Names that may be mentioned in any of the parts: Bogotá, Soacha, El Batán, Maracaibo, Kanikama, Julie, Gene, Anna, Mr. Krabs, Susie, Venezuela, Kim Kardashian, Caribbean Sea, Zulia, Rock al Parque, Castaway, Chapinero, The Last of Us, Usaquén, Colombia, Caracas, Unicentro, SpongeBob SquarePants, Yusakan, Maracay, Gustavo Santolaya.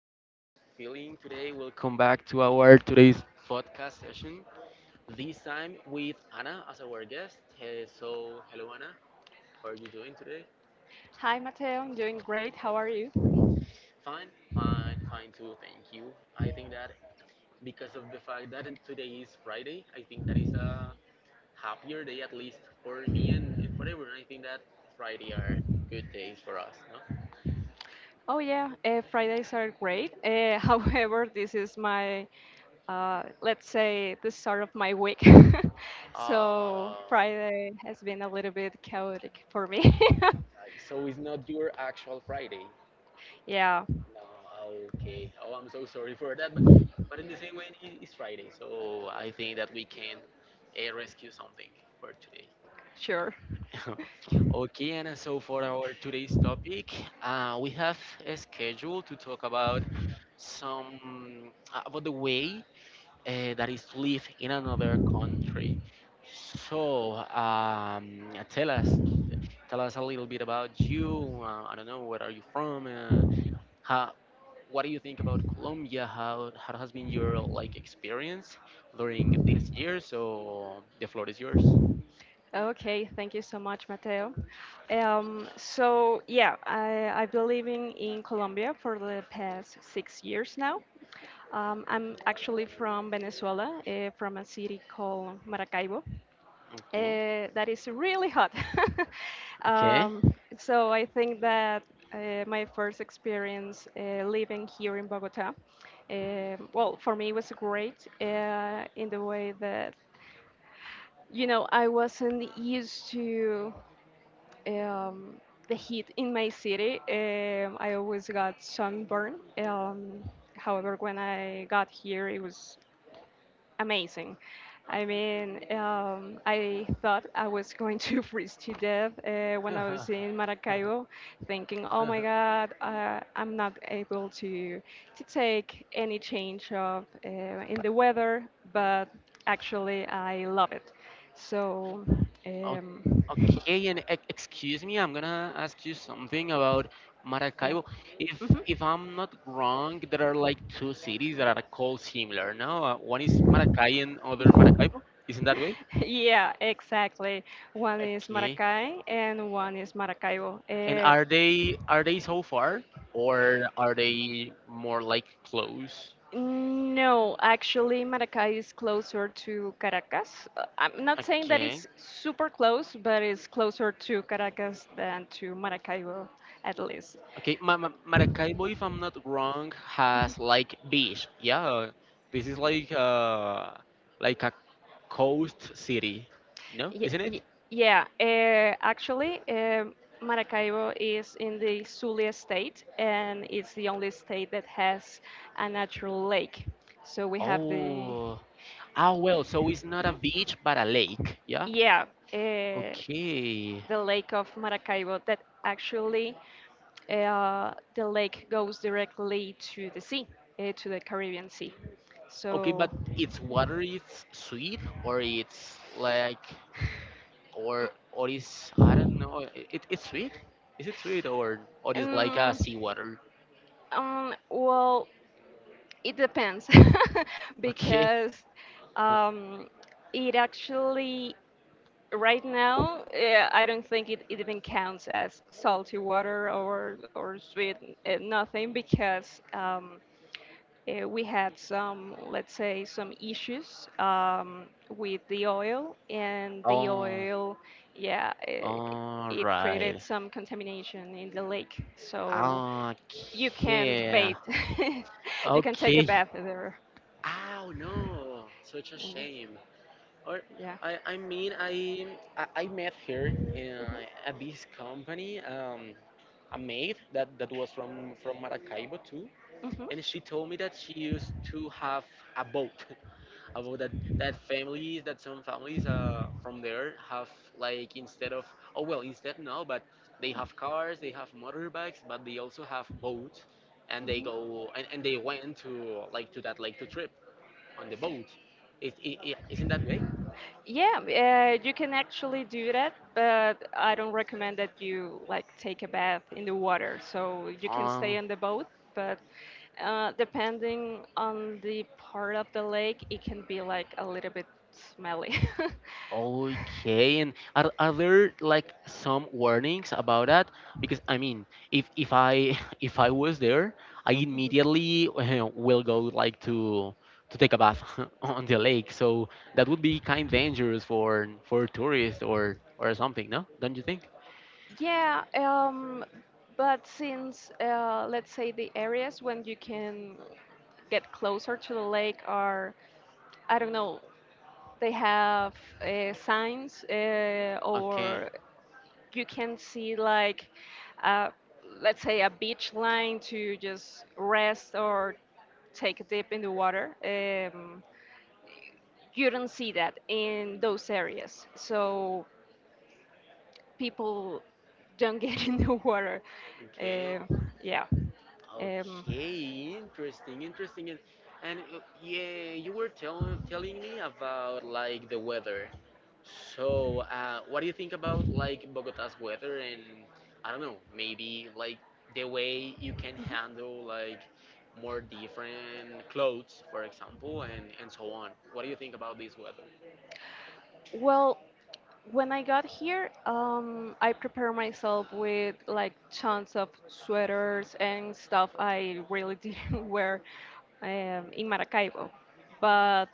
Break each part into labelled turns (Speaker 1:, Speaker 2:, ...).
Speaker 1: how are you feeling today? Welcome back to our today's podcast session. This time with Anna as our guest. Hey, so hello Anna, how are you doing today?
Speaker 2: Hi, Mateo. I'm doing great. How are you?
Speaker 1: Fine, fine, fine too. Thank you. I think that because of the fact that today is Friday, I think that is a happier day at least for me and for everyone. I think that Friday are good days for us, no?
Speaker 2: Oh, yeah. Fridays are great. However, this is my, let's say, the start of my week.
Speaker 1: Uh,
Speaker 2: So Friday has been a little bit chaotic for me.
Speaker 1: so it's not your actual Friday.
Speaker 2: Yeah,
Speaker 1: No, okay. Oh, I'm so sorry for that, but in the same way, it's Friday, so I think that we can rescue something for today.
Speaker 2: sure.
Speaker 1: Okay, Anna. So for our today's topic, we have a schedule to talk about some about the way that is to live in another country. So tell us a little bit about you. I don't know, where are you from? How, what do you think about Colombia? How has been your like experience during this year? So the floor is yours.
Speaker 2: Okay, thank you so much, Mateo. So yeah, I've been living in Colombia for the past 6 years now. I'm actually from Venezuela, from a city called Maracaibo.
Speaker 1: Okay.
Speaker 2: That is really hot.
Speaker 1: Okay.
Speaker 2: So I think that my first experience living here in Bogota, well, for me it was great in the way that you know I wasn't used to um, the heat in my city. I always got sunburn. Um, however, when I got here, it was amazing. I mean, I thought I was going to freeze to death when I
Speaker 1: Okay.
Speaker 2: was in Maracaibo, thinking, "Oh my God, I'm not able to take any change of in the weather." But actually, I love it. So,
Speaker 1: O-
Speaker 2: um,
Speaker 1: Okay, and excuse me, I'm gonna ask you something about
Speaker 2: yeah.
Speaker 1: Maracaibo. If if
Speaker 2: Mhm.
Speaker 1: I'm not wrong, there are like two cities that are called similar, no? One is Maracay and other Maracaibo. Isn't that way?
Speaker 2: Yeah, exactly. One is
Speaker 1: Okay.
Speaker 2: Maracay and one is Maracaibo.
Speaker 1: And are they so far
Speaker 2: Uh,
Speaker 1: or are they more like close?
Speaker 2: No, actually, Maracay is closer to Caracas. I'm not saying that
Speaker 1: Okay.
Speaker 2: it's super close, but it's closer to Caracas than to Maracaibo, at least.
Speaker 1: Okay, Maracaibo, if I'm not wrong, has like beach. Yeah, this is like a coast city. No,
Speaker 2: Y
Speaker 1: isn't it?
Speaker 2: y yeah, actually, um, Maracaibo is in the Zulia state, and it's the only state that has a natural lake. So we have the,
Speaker 1: Oh. Ah, well, so it's not a beach but a lake. Yeah.
Speaker 2: yeah, uh,
Speaker 1: Okay.
Speaker 2: the Lake of Maracaibo that actually the lake goes directly to the sea, to the Caribbean Sea.
Speaker 1: Okay,
Speaker 2: So,
Speaker 1: but its water is sweet or it's like or is I don't know. It's sweet. Is it sweet or is like a
Speaker 2: um,
Speaker 1: seawater?
Speaker 2: well, it depends
Speaker 1: Okay.
Speaker 2: because um, it actually, right now, I don't think it even counts as salty water or sweet, nothing because. We had some, let's say, some issues with the oil, and the
Speaker 1: Oh,
Speaker 2: oil, yeah,
Speaker 1: all
Speaker 2: it created
Speaker 1: right.
Speaker 2: some contamination in the lake. So you can't
Speaker 1: Okay.
Speaker 2: bathe. You can take a
Speaker 1: Okay.
Speaker 2: bath there.
Speaker 1: Oh no, such a
Speaker 2: Mm,
Speaker 1: shame. Or
Speaker 2: yeah.
Speaker 1: I, I mean I I met her in, at this company. A maid that that was from Maracaibo too,
Speaker 2: Mhm,
Speaker 1: and she told me that she used to have a boat. About that that families that some families from there have like instead of oh
Speaker 2: mhm.
Speaker 1: well instead no but they have cars, they have motorbikes, but they also have boats and they go and they went to like to that lake to trip on the boat. Not that way?
Speaker 2: Yeah, you can actually do that, but I don't recommend that you like take a bath in the water. So you can
Speaker 1: Uh,
Speaker 2: stay on the boat, but depending on the part of the lake, it can be like a little bit smelly.
Speaker 1: Okay, and are there like some warnings about that? Because I mean, if I if I was there, I immediately will go like to take a bath on the lake. So that would be kind of dangerous for tourists or something, no? Don't you think?
Speaker 2: Yeah, but since let's say the areas when you can get closer to the lake are, I don't know, they have signs
Speaker 1: Okay,
Speaker 2: or you can see like, uh, let's say a beach line to just rest or take a dip in the water. You don't see that in those areas. So people don't get in the water.
Speaker 1: okay.
Speaker 2: Uh, yeah. Um,
Speaker 1: Okay, interesting, interesting. And yeah, you were telling me about like the weather. So, what do you think about like Bogota's weather and I don't know, maybe like the way you can handle like more different clothes, for example, and so on. What do you think about this weather?
Speaker 2: well, when I got here, I prepared myself with like tons of sweaters and stuff I really didn't wear in Maracaibo. But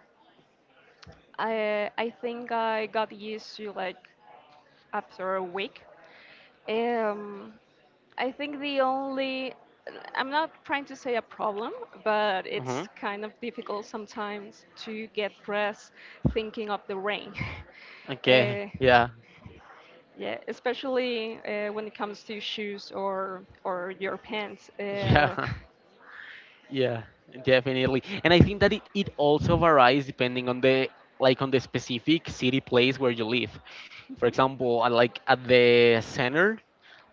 Speaker 2: I think I got used to like after a week. Um, I think the only, I'm not trying to say a problem, but
Speaker 1: hmm
Speaker 2: it's kind of difficult sometimes to get dressed thinking of the rain.
Speaker 1: Okay.
Speaker 2: uh,
Speaker 1: Yeah.
Speaker 2: yeah, especially when it comes to shoes or your pants.
Speaker 1: Yeah. Yeah, definitely. And I think that it also varies depending on the like on the specific city place where you live. For
Speaker 2: Mhm,
Speaker 1: example, I like at the center,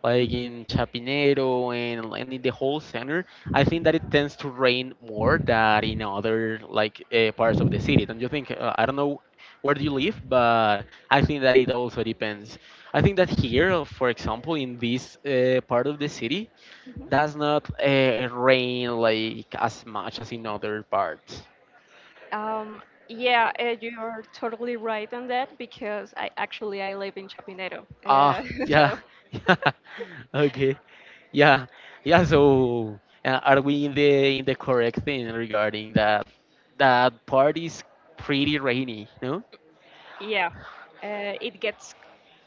Speaker 1: like in Chapinero and in the whole center, I think that it tends to rain more than in other like parts of the city. Don't you think? I don't know where do you live, but I think that it also depends. I think that here, for example, in this part of the city,
Speaker 2: mhm.
Speaker 1: does not rain like as much as in other parts.
Speaker 2: Um, yeah, you're totally right on that because I actually I live in Chapinero,
Speaker 1: Ah, yeah,
Speaker 2: so
Speaker 1: yeah, okay, yeah, yeah. So, are we in the correct thing regarding that? That part is pretty rainy, no?
Speaker 2: yeah, uh, it gets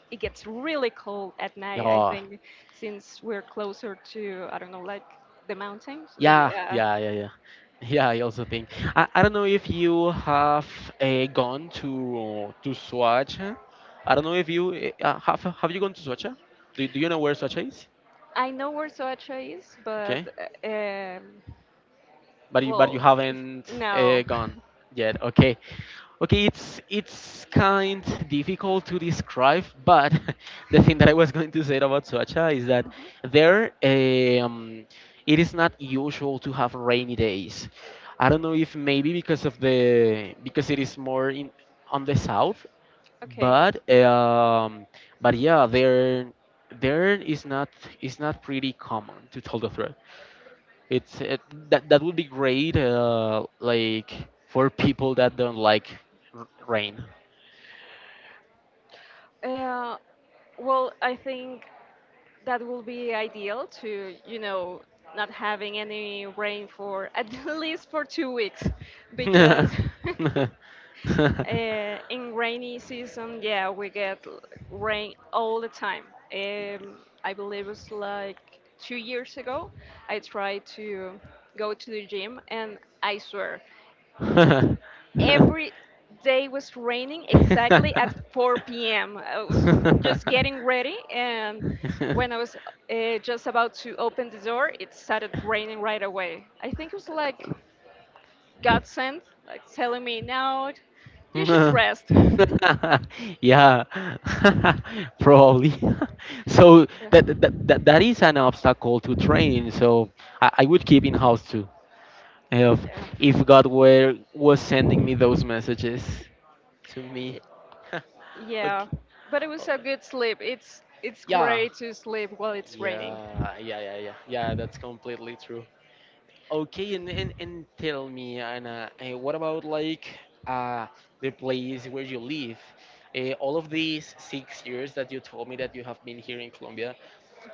Speaker 2: it gets really cold at night. I
Speaker 1: Yeah,
Speaker 2: think since we're closer to I don't know like the mountains.
Speaker 1: yeah,
Speaker 2: Yeah,
Speaker 1: yeah, yeah, yeah. Yeah. I also think. I don't know if you have gone to Soacha. I don't know if you have you gone to Soacha? Do you know where Soacha is?
Speaker 2: I know where Soacha is, but
Speaker 1: Okay.
Speaker 2: uh, um,
Speaker 1: But you but
Speaker 2: well,
Speaker 1: you haven't
Speaker 2: no.
Speaker 1: gone yet. Okay, okay, it's kind difficult to describe, but the thing that I was going to say about Soacha is that
Speaker 2: Mhm,
Speaker 1: there it is not usual to have rainy days. I don't know if maybe because of the because it is more in on the south,
Speaker 2: okay.
Speaker 1: but um but yeah there is not pretty common to tell the truth. it's it, that that would be great, like for people that don't like rain.
Speaker 2: Uh, well, I think that will be ideal to, you know, not having any rain for at least for 2 weeks because In rainy season, yeah, we get rain all the time. Um, I believe it's like 2 years ago, I tried to go to the gym, and I swear, every day was raining exactly at 4 p.m. I was just getting ready, and when I was just about to open the door, it started raining right away. I think it was like God sent, like telling me, now you should rest.
Speaker 1: yeah, probably. So that, that
Speaker 2: Yeah.
Speaker 1: that that is an obstacle to train. So I would keep in house too if if God were was sending me those messages. To me.
Speaker 2: Y- Yeah.
Speaker 1: Okay.
Speaker 2: But it
Speaker 1: Oh,
Speaker 2: was a good sleep. It's
Speaker 1: yeah.
Speaker 2: great to sleep while it's raining.
Speaker 1: Yeah. Yeah. Yeah. Yeah. Yeah. That's completely true. Okay. And and tell me, Anna, what about like uh the place where you live? All of these 6 years that you told me that you have been here in Colombia,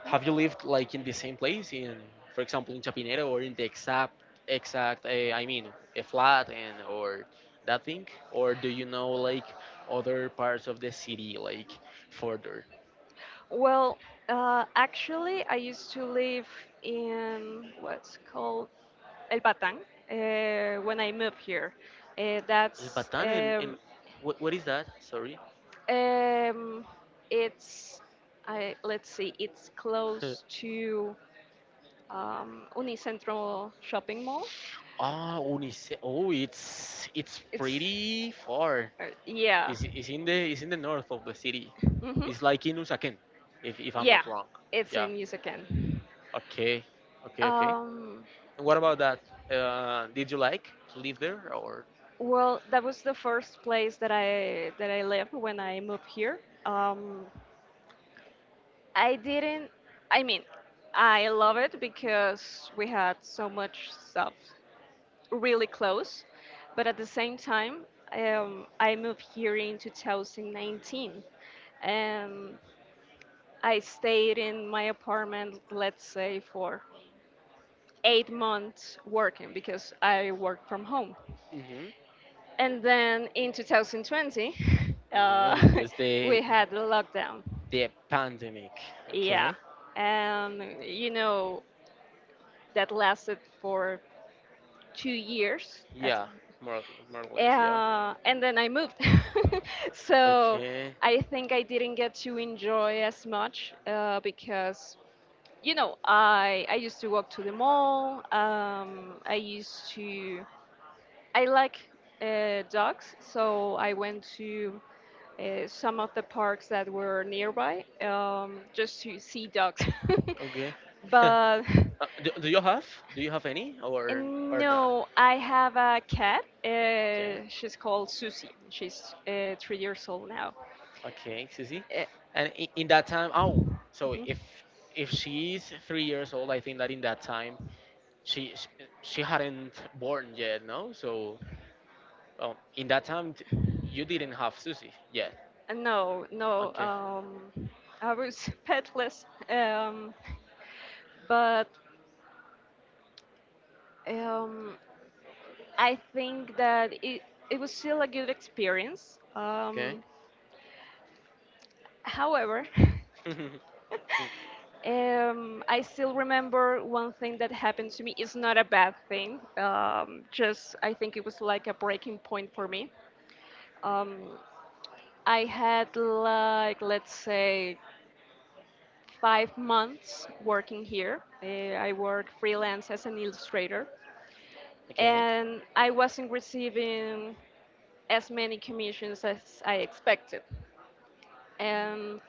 Speaker 1: have you lived like in the same place? In, for example, in Chapinero or in the exact I mean, a flat and or that thing? Or do you know like other parts of the city like further?
Speaker 2: Well, actually, I used to live in what's called El Batán when I moved here.
Speaker 1: El
Speaker 2: That's
Speaker 1: Batán and what is that? Sorry.
Speaker 2: um, it's I let's see, it's close to Unicentro shopping mall.
Speaker 1: Ah, Unice. Oh, it's
Speaker 2: It,
Speaker 1: pretty far.
Speaker 2: yeah.
Speaker 1: It's in the north of the city.
Speaker 2: Hmm.
Speaker 1: It's like in Usaquén, if I'm
Speaker 2: Yeah,
Speaker 1: not wrong.
Speaker 2: it's
Speaker 1: Yeah.
Speaker 2: in Yusakan.
Speaker 1: Okay. Okay. Okay.
Speaker 2: Um,
Speaker 1: And what about that? Did you like to live there or?
Speaker 2: well, that was the first place that I lived when I moved here. Um, I didn't. I mean, I love it because we had so much stuff really close, but at the same time, I moved here in 2019, and I stayed in my apartment, let's say, for 8 months working because I worked from home.
Speaker 1: Mm-hmm.
Speaker 2: And then in 2020,
Speaker 1: Mm-hmm.
Speaker 2: uh,
Speaker 1: It was
Speaker 2: we had the lockdown.
Speaker 1: the pandemic.
Speaker 2: Yeah.
Speaker 1: Okay.
Speaker 2: And, you know, that lasted for 2 years. At,
Speaker 1: Yeah. More or, more or less. Yeah.
Speaker 2: and then I moved. So
Speaker 1: Okay.
Speaker 2: I think I didn't get to enjoy as much because you know I used to walk to the mall I used to I like dogs so I went to some of the parks that were nearby just to see dogs.
Speaker 1: Okay.
Speaker 2: But
Speaker 1: Do you have? Do you have any or not?
Speaker 2: no, I have a cat,
Speaker 1: Okay.
Speaker 2: she's called Susie, she's 3 years old now.
Speaker 1: Okay, Susie.
Speaker 2: Uh,
Speaker 1: And in that time, oh, so
Speaker 2: Mhm.
Speaker 1: if she's 3 years old, I think that in that time she she, she hadn't born yet, no. So in that time, you didn't have Susie yet.
Speaker 2: No, no.
Speaker 1: Okay.
Speaker 2: I was petless. Um, but um, I think that it was still a good experience.
Speaker 1: Okay.
Speaker 2: However,
Speaker 1: Mm,
Speaker 2: I still remember one thing that happened to me. It's not a bad thing, just I think it was like a breaking point for me. Um, I had like, let's say, 5 months working here. I work freelance as an illustrator,
Speaker 1: okay.
Speaker 2: and I wasn't receiving as many commissions as I expected. And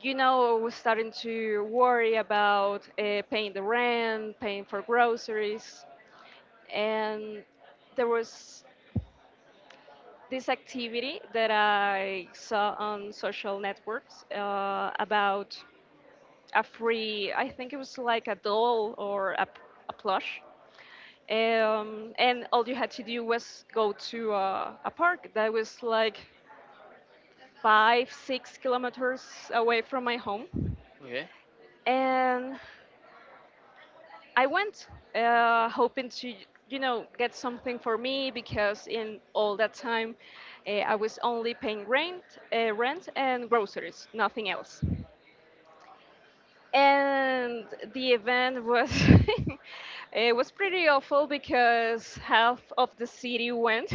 Speaker 2: you know, I was starting to worry about paying the rent, paying for groceries, and there was this activity that I saw on social networks about a free, I think it was like a doll or a plush. And all you had to do was go to a park that was like five, 6 kilometers away from my home.
Speaker 1: Okay.
Speaker 2: And I went hoping to, you know, get something for me because in all that time I was only paying rent, rent and groceries, nothing else. And the event was it was pretty awful because half of the city went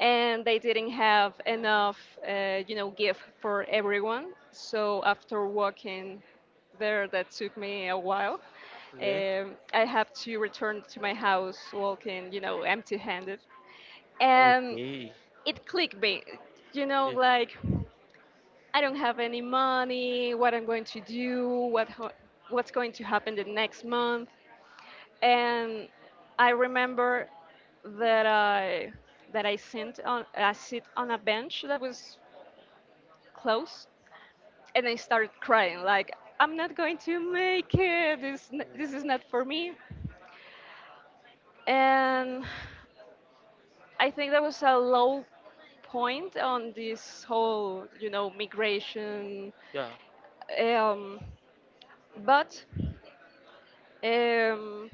Speaker 2: and they didn't have enough you know gift for everyone. So after walking there that took me a while,
Speaker 1: Okay.
Speaker 2: I have to return to my house walking, you know, empty handed and
Speaker 1: Okay.
Speaker 2: it clicked me, you know,
Speaker 1: Okay.
Speaker 2: like I don't have any money, what I'm going to do, what what's going to happen the next month. And I remember that I that I sit on a bench that was close and I started crying, like I'm not going to make it. This
Speaker 1: Mm,
Speaker 2: this is not for me. And I think that was a low point on this whole, you know, migration.
Speaker 1: Yeah.
Speaker 2: Um, but um,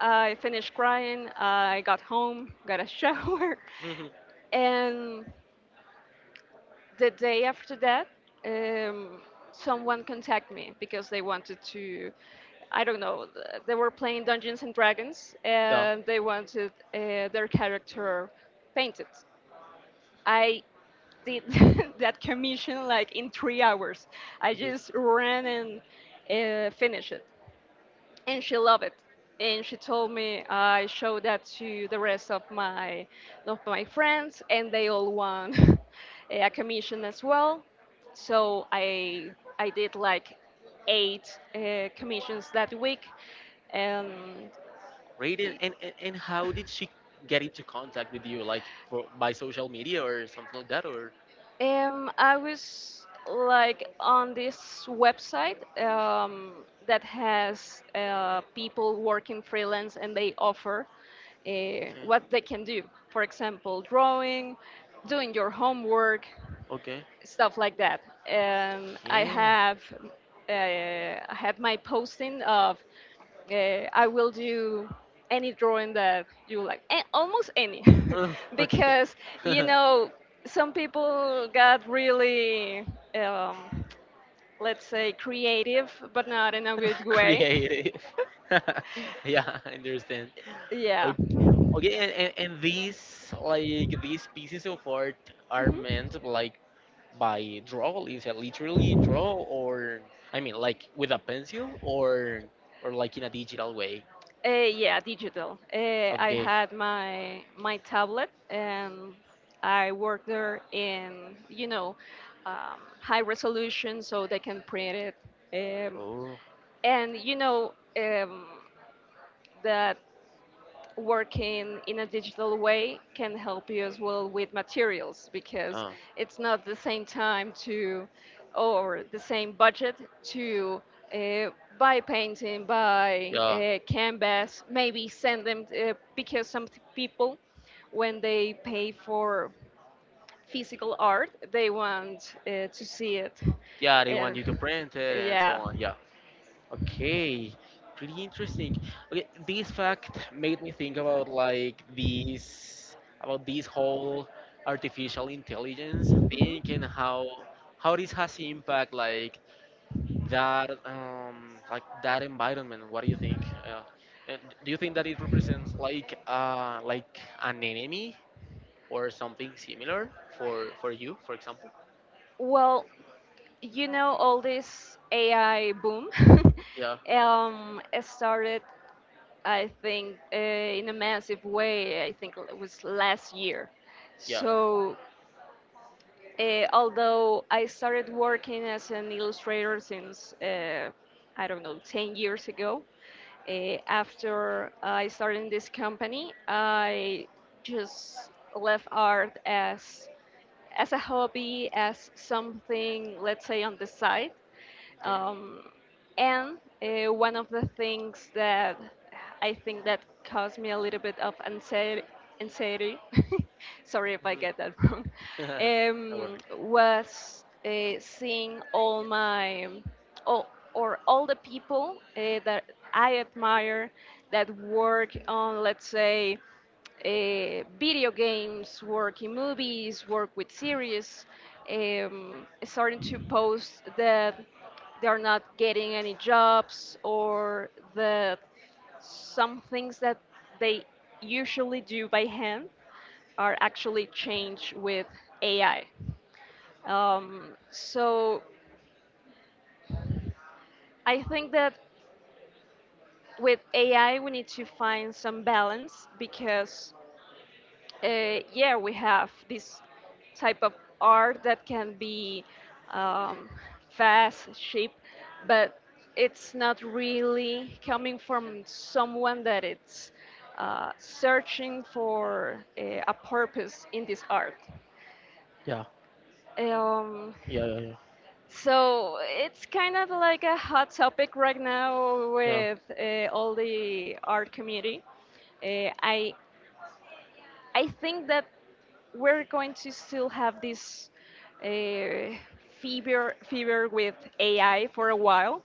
Speaker 2: I finished crying. I got home, got a shower, and the day after that, um, someone contacted me because they wanted to. I don't know. They were playing Dungeons and Dragons,
Speaker 1: yeah.
Speaker 2: and they wanted their character painted. I did that commission like in 3 hours. I
Speaker 1: Okay.
Speaker 2: just ran and finished it. And she loved it and she told me, I showed that to the rest of my friends and they all won a commission as well. So I did like eight commissions that week. Um,
Speaker 1: Great. And, and how did she get into contact with you? Like for by social media or something like that? Or
Speaker 2: um, I was like on this website um, that has people working freelance and they offer uh,
Speaker 1: okay,
Speaker 2: what they can do. For example, drawing, doing your homework,
Speaker 1: okay,
Speaker 2: stuff like that. And I
Speaker 1: yeah.
Speaker 2: have I had my posting of I will do any drawing that you like, and almost any,
Speaker 1: Oh, okay.
Speaker 2: because you know some people got really, um, let's say, creative, but not in a good way.
Speaker 1: Creative. Yeah, I understand.
Speaker 2: Yeah.
Speaker 1: Okay, okay, and these like these pieces of art are
Speaker 2: Mhm.
Speaker 1: meant like by draw? Is it literally draw, or I mean, like with a pencil, or like in a digital way?
Speaker 2: Yeah, digital. I
Speaker 1: Okay.
Speaker 2: had my tablet, and I work there in you know high resolution, so they can print it. Um,
Speaker 1: Oh,
Speaker 2: and you know that working in a digital way can help you as well with materials because
Speaker 1: uh,
Speaker 2: it's not the same time to or the same budget to uh, buy painting, buy
Speaker 1: yeah.
Speaker 2: canvas, maybe send them because some people when they pay for physical art they want to see it
Speaker 1: Yeah, they want you to
Speaker 2: and
Speaker 1: print it and so
Speaker 2: yeah.
Speaker 1: on. Yeah. Okay. Pretty interesting. Okay, this fact made me think about like these about this whole artificial intelligence thing
Speaker 2: Mhm.
Speaker 1: and how this has impact like that environment. What do you think? And do you think that it represents like an enemy or something similar for you, for example?
Speaker 2: Well, you know, all this AI boom
Speaker 1: Yeah.
Speaker 2: it started, I think, in a massive way. I think it was last year.
Speaker 1: Yeah.
Speaker 2: So although I started working as an illustrator since, I don't know, 10 years ago. After I started in this company, I just left art as a hobby, as something, let's say, on the side.
Speaker 1: Okay.
Speaker 2: Um, and one of the things that I think that caused me a little bit of anxiety sorry if I get that wrong,
Speaker 1: Mm-hmm. No worry.
Speaker 2: was seeing all my, all, or all the people that I admire that work on, let's say, video games, work in movies, work with series, starting to post that they're not getting any jobs or the some things that they usually do by hand are actually changed with AI. So I think that with AI we need to find some balance because yeah, we have this type of art that can be um, fast, cheap, but it's not really coming from someone that it's searching for a purpose in this art.
Speaker 1: Yeah,
Speaker 2: Um,
Speaker 1: yeah, yeah, yeah,
Speaker 2: so it's kind of like a hot topic right now
Speaker 1: yeah,
Speaker 2: with all the art community. Uh, I I think that we're going to still have this uh, fever with AI for a while,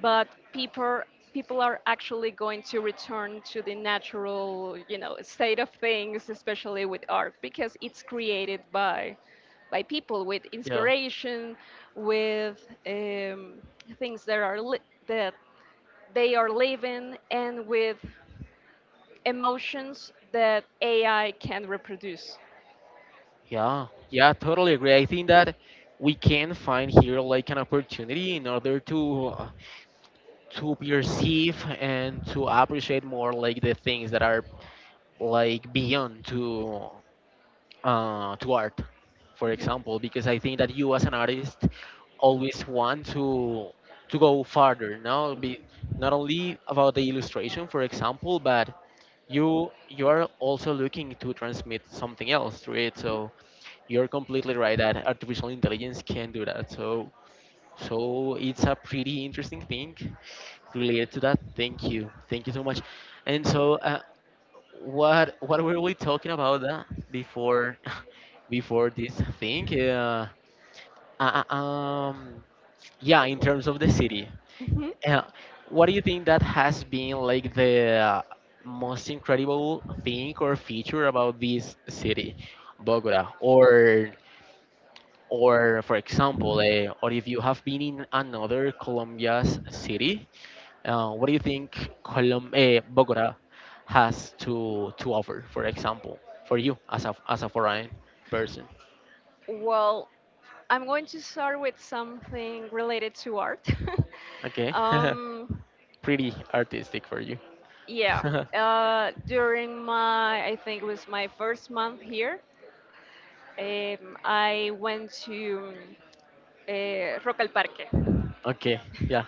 Speaker 2: but people are actually going to return to the natural, you know, state of things, especially with art because it's created by people with
Speaker 1: yeah,
Speaker 2: inspiration, with things that are li- that they are living, and with emotions that AI can reproduce.
Speaker 1: yeah, yeah. Totally agree. I think that we can find here like an opportunity in order to perceive and to appreciate more like the things that are like beyond to art, for
Speaker 2: Mhm.
Speaker 1: example, because I think that you as an artist always want to go farther. Now, be not only about the illustration, for example, but you are also looking to transmit something else through it. So you're completely right that artificial intelligence can do that. So so it's a pretty interesting thing related to that. Thank you so much. And so. What what were we talking about that before before this thing? Uh, uh, um, yeah, in terms of the city,
Speaker 2: Mhm.
Speaker 1: uh, what do you think that has been like the most incredible thing or feature about this city, Bogota, or for example, or if you have been in another Colombia's city, what do you think Bogota has to offer, for example, for you as a foreign person?
Speaker 2: Well, I'm going to start with something related to art.
Speaker 1: Okay,
Speaker 2: um,
Speaker 1: pretty artistic for you.
Speaker 2: yeah, During my, I think it was my first month here, I went to Rock al Parque.
Speaker 1: Okay, yeah.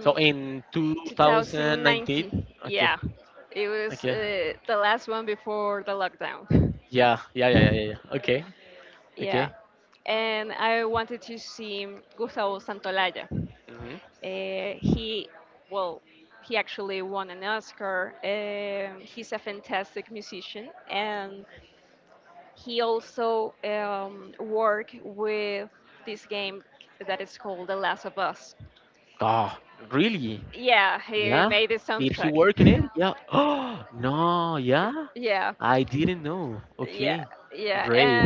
Speaker 1: So in 2019,
Speaker 2: 2019,
Speaker 1: okay,
Speaker 2: yeah, it was
Speaker 1: okay,
Speaker 2: the last one before the lockdown.
Speaker 1: yeah, yeah, yeah, yeah, yeah, yeah. Okay,
Speaker 2: Yeah,
Speaker 1: okay.
Speaker 2: and I wanted to see Gustavo Santolaya.
Speaker 1: Mm-hmm.
Speaker 2: Uh, he, well, he actually won an Oscar. Um, he's a fantastic musician, and he also worked with this game that is called The Last of Us.
Speaker 1: Oh, really?
Speaker 2: Yeah, he
Speaker 1: Yeah.
Speaker 2: made the
Speaker 1: Did he
Speaker 2: soundtrack.
Speaker 1: work in it? Yeah. Oh, no, yeah.
Speaker 2: Yeah.
Speaker 1: I didn't know.
Speaker 2: Yeah,
Speaker 1: Okay,
Speaker 2: yeah,
Speaker 1: great.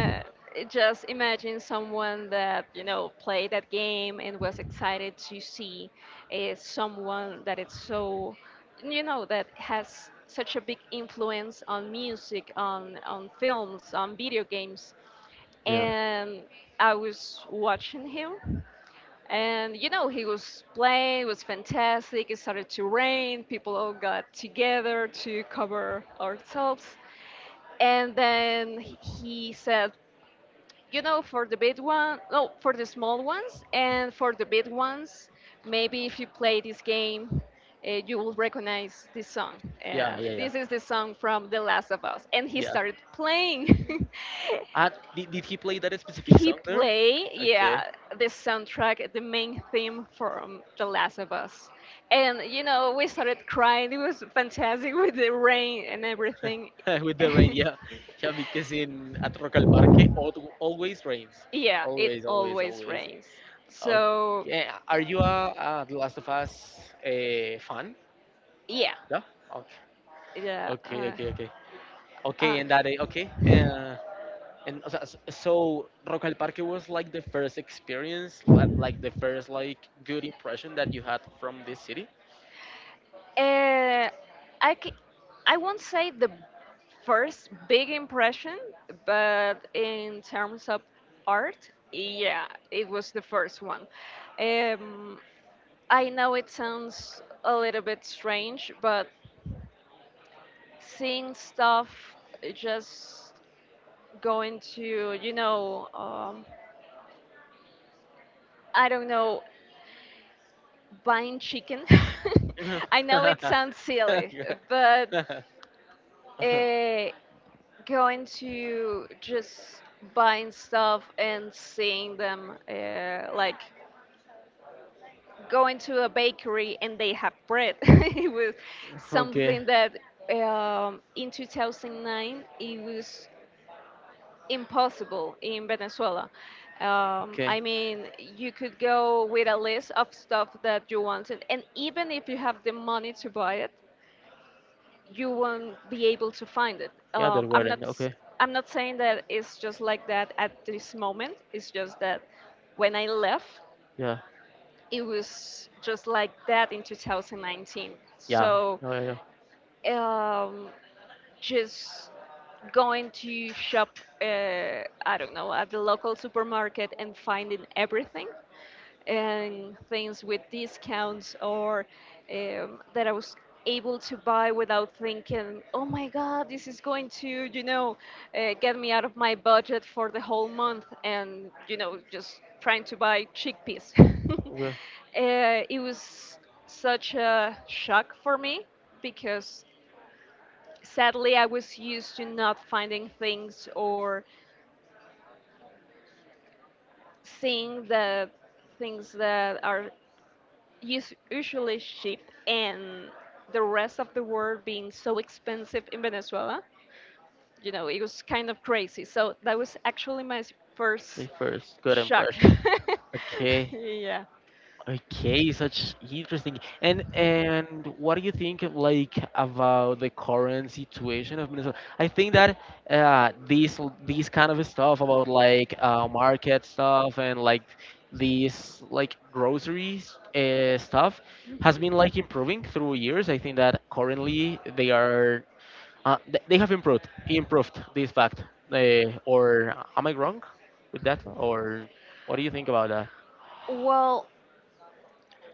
Speaker 2: and just imagine someone that, you know, played that game and was excited to see someone that it's so, you know, that has such a big influence on music, on films, on video games.
Speaker 1: Yeah.
Speaker 2: And I was watching him, and you know he was playing. It was fantastic. It started to rain. People all got together to cover ourselves, and then he said, you know, for the big one, no, for the small ones, and for the big ones, maybe if you play this game, you will recognize this song.
Speaker 1: Yeah,
Speaker 2: And
Speaker 1: yeah, yeah.
Speaker 2: this is the song from The Last of Us. And he
Speaker 1: Yeah.
Speaker 2: started playing.
Speaker 1: Did he play that specific
Speaker 2: He
Speaker 1: song there?
Speaker 2: play,
Speaker 1: Okay.
Speaker 2: yeah, the soundtrack, the main theme from The Last of Us. And you know, we started crying. It was fantastic with the rain and everything.
Speaker 1: With the rain, yeah. Yeah, because in at Rock al Parque always rains.
Speaker 2: Yeah, it
Speaker 1: Always, always,
Speaker 2: always
Speaker 1: always.
Speaker 2: rains. So,
Speaker 1: Okay. Are you a The Last of Us a fan?
Speaker 2: yeah,
Speaker 1: Yeah. Okay.
Speaker 2: yeah.
Speaker 1: Okay, okay, okay. Okay,
Speaker 2: Uh,
Speaker 1: and that eh, okay. And o so Rock al Parque was like the first experience, like the first like good impression that you had from this city.
Speaker 2: Uh, I c- I won't say the first big impression, but in terms of art, yeah, it was the first one. Um, I know it sounds a little bit strange, but seeing stuff just going to, you know, I don't know, buying chicken. I know it sounds silly, but uh, going to just buying stuff and seeing them like going to a bakery and they have bread it was
Speaker 1: Okay,
Speaker 2: something that in 2009 it was impossible in Venezuela.
Speaker 1: okay.
Speaker 2: I mean, you could go with a list of stuff that you wanted and even if you have the money to buy it you won't be able to find it.
Speaker 1: Yeah, they're wearing. Okay,
Speaker 2: I'm not saying that it's just like that at this moment. It's just that when I left,
Speaker 1: yeah,
Speaker 2: it was just like that in 2019.
Speaker 1: yeah.
Speaker 2: So
Speaker 1: No, yeah, yeah.
Speaker 2: um, just going to shop, uh, I don't know, at the local supermarket and finding everything and things with discounts or that I was able to buy without thinking, oh my God, this is going to, you know, get me out of my budget for the whole month and, you know, just trying to buy chickpeas.
Speaker 1: Okay.
Speaker 2: It was such a shock for me because sadly I was used to not finding things or seeing the things that are usually sheep and the rest of the world being so expensive in Venezuela. You know, it was kind of crazy. So that was actually my
Speaker 1: The
Speaker 2: first
Speaker 1: first good
Speaker 2: shock.
Speaker 1: impression. Okay.
Speaker 2: Yeah.
Speaker 1: Okay, such interesting. And what do you think like about the current situation of Venezuela? I think that these kind of stuff about like market stuff and like these like groceries stuff has
Speaker 2: Mhm.
Speaker 1: been like improving through years. I think that currently they are they have improved this fact. They, or am I wrong with that? Or what do you think about that?
Speaker 2: Well,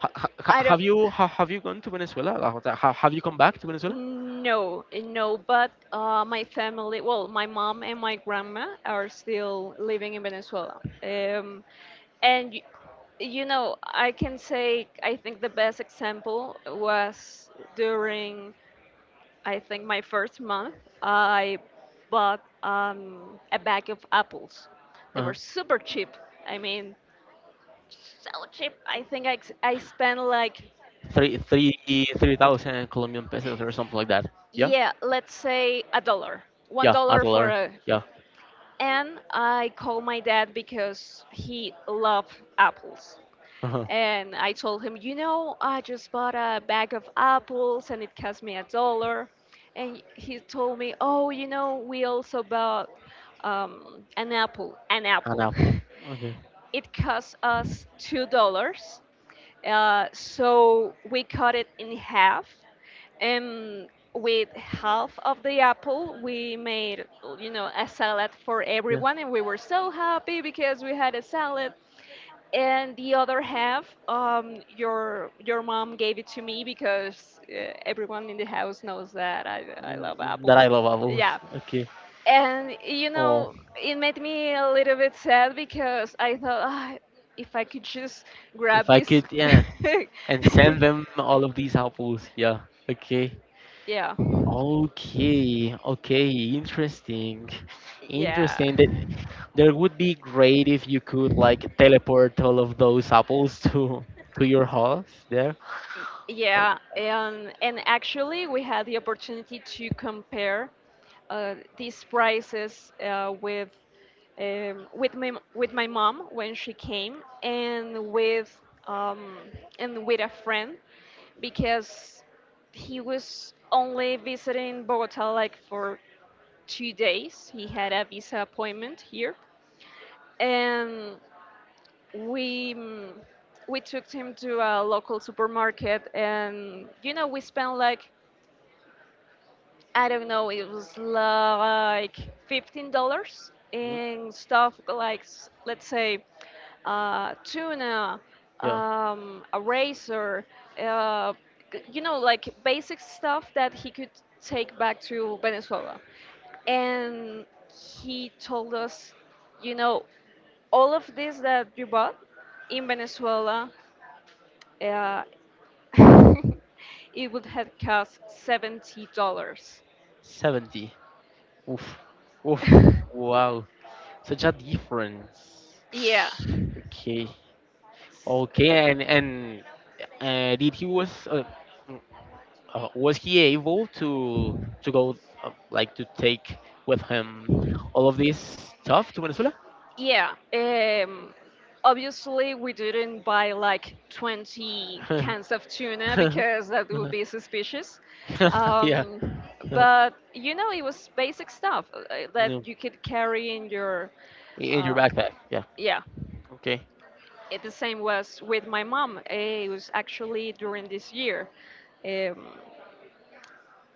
Speaker 2: I don't
Speaker 1: Have you gone to Venezuela? Like, have you come back to Venezuela?
Speaker 2: no, No, but my family, well, my mom and my grandma are still living in Venezuela. And y- you know, I can say I think the best example was during I think my first month I bought a bag of apples. They
Speaker 1: Uh-huh.
Speaker 2: were super cheap. I mean, so cheap. I think I, ex- I spent like,
Speaker 1: Three three three thousand Colombian pesos or something like that. Yeah,
Speaker 2: yeah, let's say a dollar, one
Speaker 1: yeah, a
Speaker 2: dollar for
Speaker 1: dollar.
Speaker 2: a.
Speaker 1: Yeah,
Speaker 2: And I called my dad because he loved apples.
Speaker 1: uh-huh.
Speaker 2: And I told him, you know, I just bought a bag of apples and it cost me a dollar. And he told me, oh, you know, we also bought an
Speaker 1: An
Speaker 2: apple.
Speaker 1: apple. Okay,
Speaker 2: It cost us $2, so we cut it in half, and with half of the apple, we made, you know, a salad for
Speaker 1: yeah.
Speaker 2: everyone, and we were so happy because we had a salad. And the other half, your mom gave it to me because everyone in the house knows that I love
Speaker 1: Mm, that
Speaker 2: apples.
Speaker 1: I love apples.
Speaker 2: Yeah,
Speaker 1: Okay.
Speaker 2: and you
Speaker 1: Oh,
Speaker 2: know, it made me a little bit sad because I thought, ah, if I could just
Speaker 1: if
Speaker 2: grab
Speaker 1: I
Speaker 2: this.
Speaker 1: could, yeah, and send them all of these apples. Yeah. Okay.
Speaker 2: Yeah,
Speaker 1: Okay. Okay. Interesting.
Speaker 2: yeah,
Speaker 1: Interesting. That there would be great if you could like teleport all of those apples to your house there. Uh,
Speaker 2: yeah.
Speaker 1: Like,
Speaker 2: And actually, we had the opportunity to compare these prices with my mom when she came, and with um, a friend because he was only visiting Bogota like for 2 days. He had a visa appointment here, and we mm, we took him to a local supermarket, and you know we spent like, I don't know, it was like $15
Speaker 1: mm,
Speaker 2: and stuff like, let's say, tuna,
Speaker 1: yeah,
Speaker 2: a razor, uh, you know, like basic stuff that he could take back to Venezuela. And he told us, you know, all of this that you bought in Venezuela, uh, it would have cost $70.
Speaker 1: 70. Oof. Oof. Wow. Such a difference.
Speaker 2: Yeah.
Speaker 1: Okay.
Speaker 2: S-
Speaker 1: Okay,
Speaker 2: uh,
Speaker 1: and did he was mm, was he able to go like to take with him all of this stuff to Venezuela?
Speaker 2: Yeah. Obviously, we didn't buy like 20 cans of tuna because that would be suspicious.
Speaker 1: yeah.
Speaker 2: Um, but, you know, it was basic stuff that
Speaker 1: No.
Speaker 2: you could carry in your.
Speaker 1: In your
Speaker 2: Uh,
Speaker 1: backpack. Yeah.
Speaker 2: yeah.
Speaker 1: Okay.
Speaker 2: It, the same was with my mom. Eh, it was actually during this year. Um,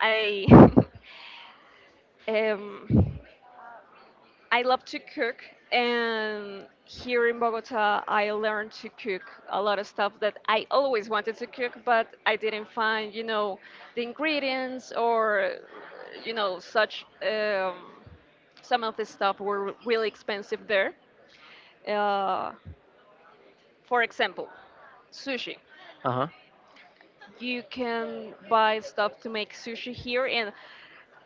Speaker 2: I. um, I love to cook, and here in Bogota, I learned to cook a lot of stuff that I always wanted to cook, but I didn't find, you know, the ingredients or, you know, such. Some of the stuff were really expensive there. Uh, for example, sushi.
Speaker 1: Uh huh.
Speaker 2: You can buy stuff to make sushi here, and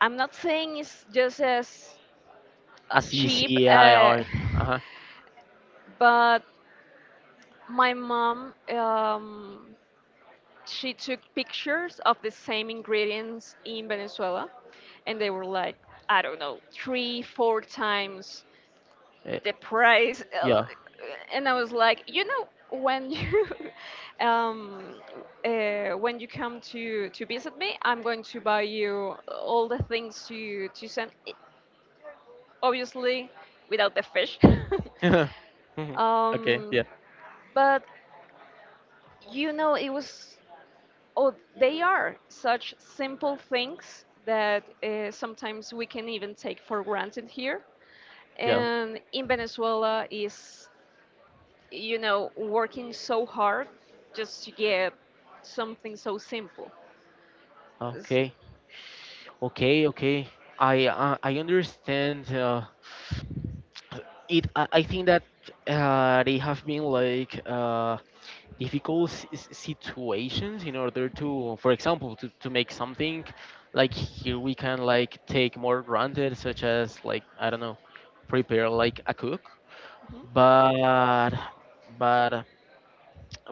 Speaker 2: I'm not saying it's just as
Speaker 1: A C
Speaker 2: cheap,
Speaker 1: C I R. Uh
Speaker 2: but my mom, she took pictures of the same ingredients in Venezuela, and they were like, I don't know, three, four times
Speaker 1: huh.
Speaker 2: the price.
Speaker 1: Yeah.
Speaker 2: And I was like, you know, when you um, when you come to visit me, I'm going to buy you all the things to send. Obviously, without the fish.
Speaker 1: okay.
Speaker 2: um,
Speaker 1: Yeah.
Speaker 2: but you know, it was, oh, they are such simple things that sometimes we can even take for granted here.
Speaker 1: Yeah.
Speaker 2: And in Venezuela is, you know, working so hard just to get something so simple. It's-
Speaker 1: Okay. Okay. Okay. I understand. It. I think that they have been like difficult situations in order to, for example, to make something like here we can like take more granted, such as like I don't know, prepare like a cook but but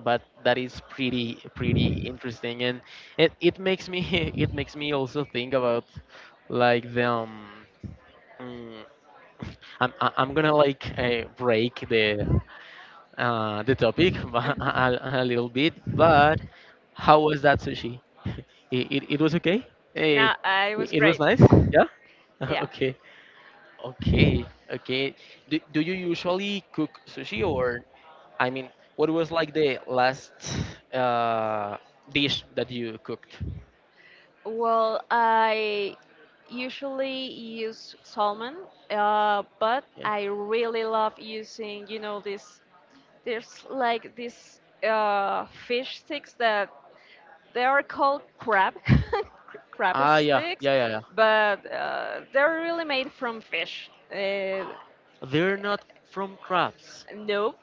Speaker 1: but that is pretty interesting and it makes me it makes me also think about like the mm, I'm gonna like break the topic
Speaker 2: Mhm,
Speaker 1: a little bit
Speaker 2: mhm.
Speaker 1: but how was that sushi it was okay it,
Speaker 2: No, I was
Speaker 1: it was
Speaker 2: great.
Speaker 1: nice yeah
Speaker 2: Yeah.
Speaker 1: okay. Okay, okay. Do you usually cook sushi or, I mean, what was like the last uh, dish that you cooked?
Speaker 2: Well, I usually use salmon, but
Speaker 1: Yeah.
Speaker 2: I really love using, you know, this, there's like these fish sticks that they are called crab crab
Speaker 1: Ah, yeah,
Speaker 2: sticks,
Speaker 1: yeah, yeah, yeah.
Speaker 2: but they're really made from fish.
Speaker 1: They're not from crabs.
Speaker 2: Nope,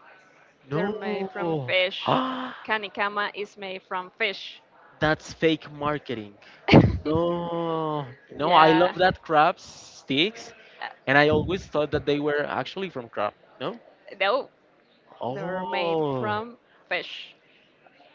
Speaker 2: they're
Speaker 1: No.
Speaker 2: made from fish.
Speaker 1: Ah,
Speaker 2: Kanikama is made from fish.
Speaker 1: that's fake marketing. No, no, I love
Speaker 2: Yeah.
Speaker 1: that crab sticks, and I
Speaker 2: Uh,
Speaker 1: always thought that they were actually from crab. No?
Speaker 2: no, they're made
Speaker 1: Oh.
Speaker 2: from fish.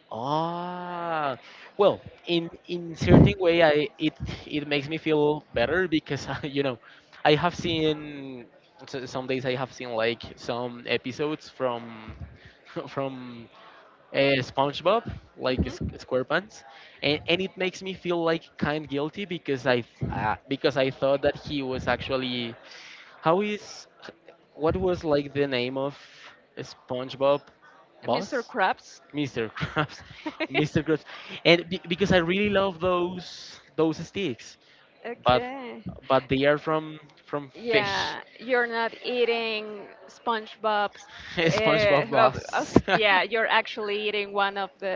Speaker 1: Ah, well, in certain way, I it it makes me feel better because I, you know, I have seen some days I have seen like some episodes from from SpongeBob, like
Speaker 2: Hmm.
Speaker 1: SquarePants, and it makes me feel like kind guilty because because I thought that he was actually how is what was like the name of SpongeBob
Speaker 2: Mr.
Speaker 1: boss?
Speaker 2: Krabs.
Speaker 1: Mr. Krabs, Mr. Krabs, because I really love those sticks, but
Speaker 2: Okay.
Speaker 1: but they are from fish,
Speaker 2: Yeah, you're not eating SpongeBob's.
Speaker 1: SpongeBob boss,
Speaker 2: Yeah, you're actually eating one of the,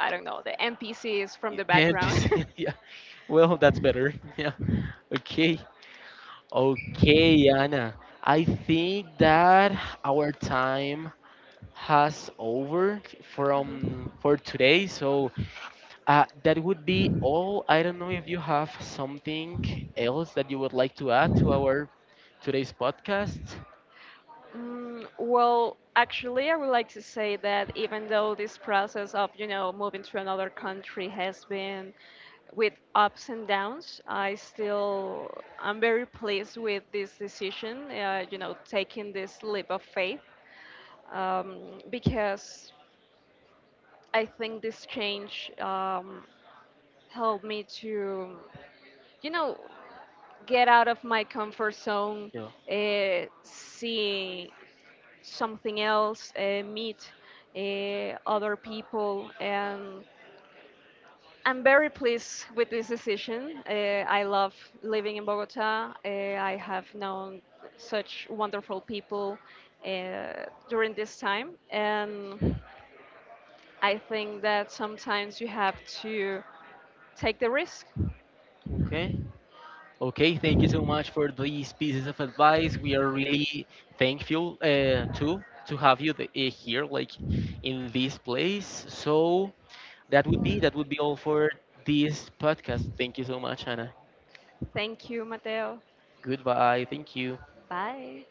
Speaker 2: I don't know, the NPCs from the
Speaker 1: the
Speaker 2: background.
Speaker 1: NPC. Yeah, well that's better. Yeah, okay, okay, Anna. I think that our time has over from for today. So uh, that would be all. I don't know if you have something else that you would like to add to our today's podcast.
Speaker 2: Mm, well, actually, I would like to say that even though this process of, you know, moving to another country has been with ups and downs, I still I'm very pleased with this decision, you know, taking this leap of faith, because I think this change helped me to, you know, get out of my comfort zone,
Speaker 1: Yeah.
Speaker 2: see something else, meet other people. And I'm very pleased with this decision. I love living in Bogota. I have known such wonderful people during this time. And I think that sometimes you have to take the risk.
Speaker 1: Okay. Okay, thank you so much for these pieces of advice. We are really thankful to have you the, here, like in this place. So that would be all for this podcast. Thank you so much, Anna.
Speaker 2: Thank you, Mateo.
Speaker 1: Goodbye. Thank you.
Speaker 2: Bye.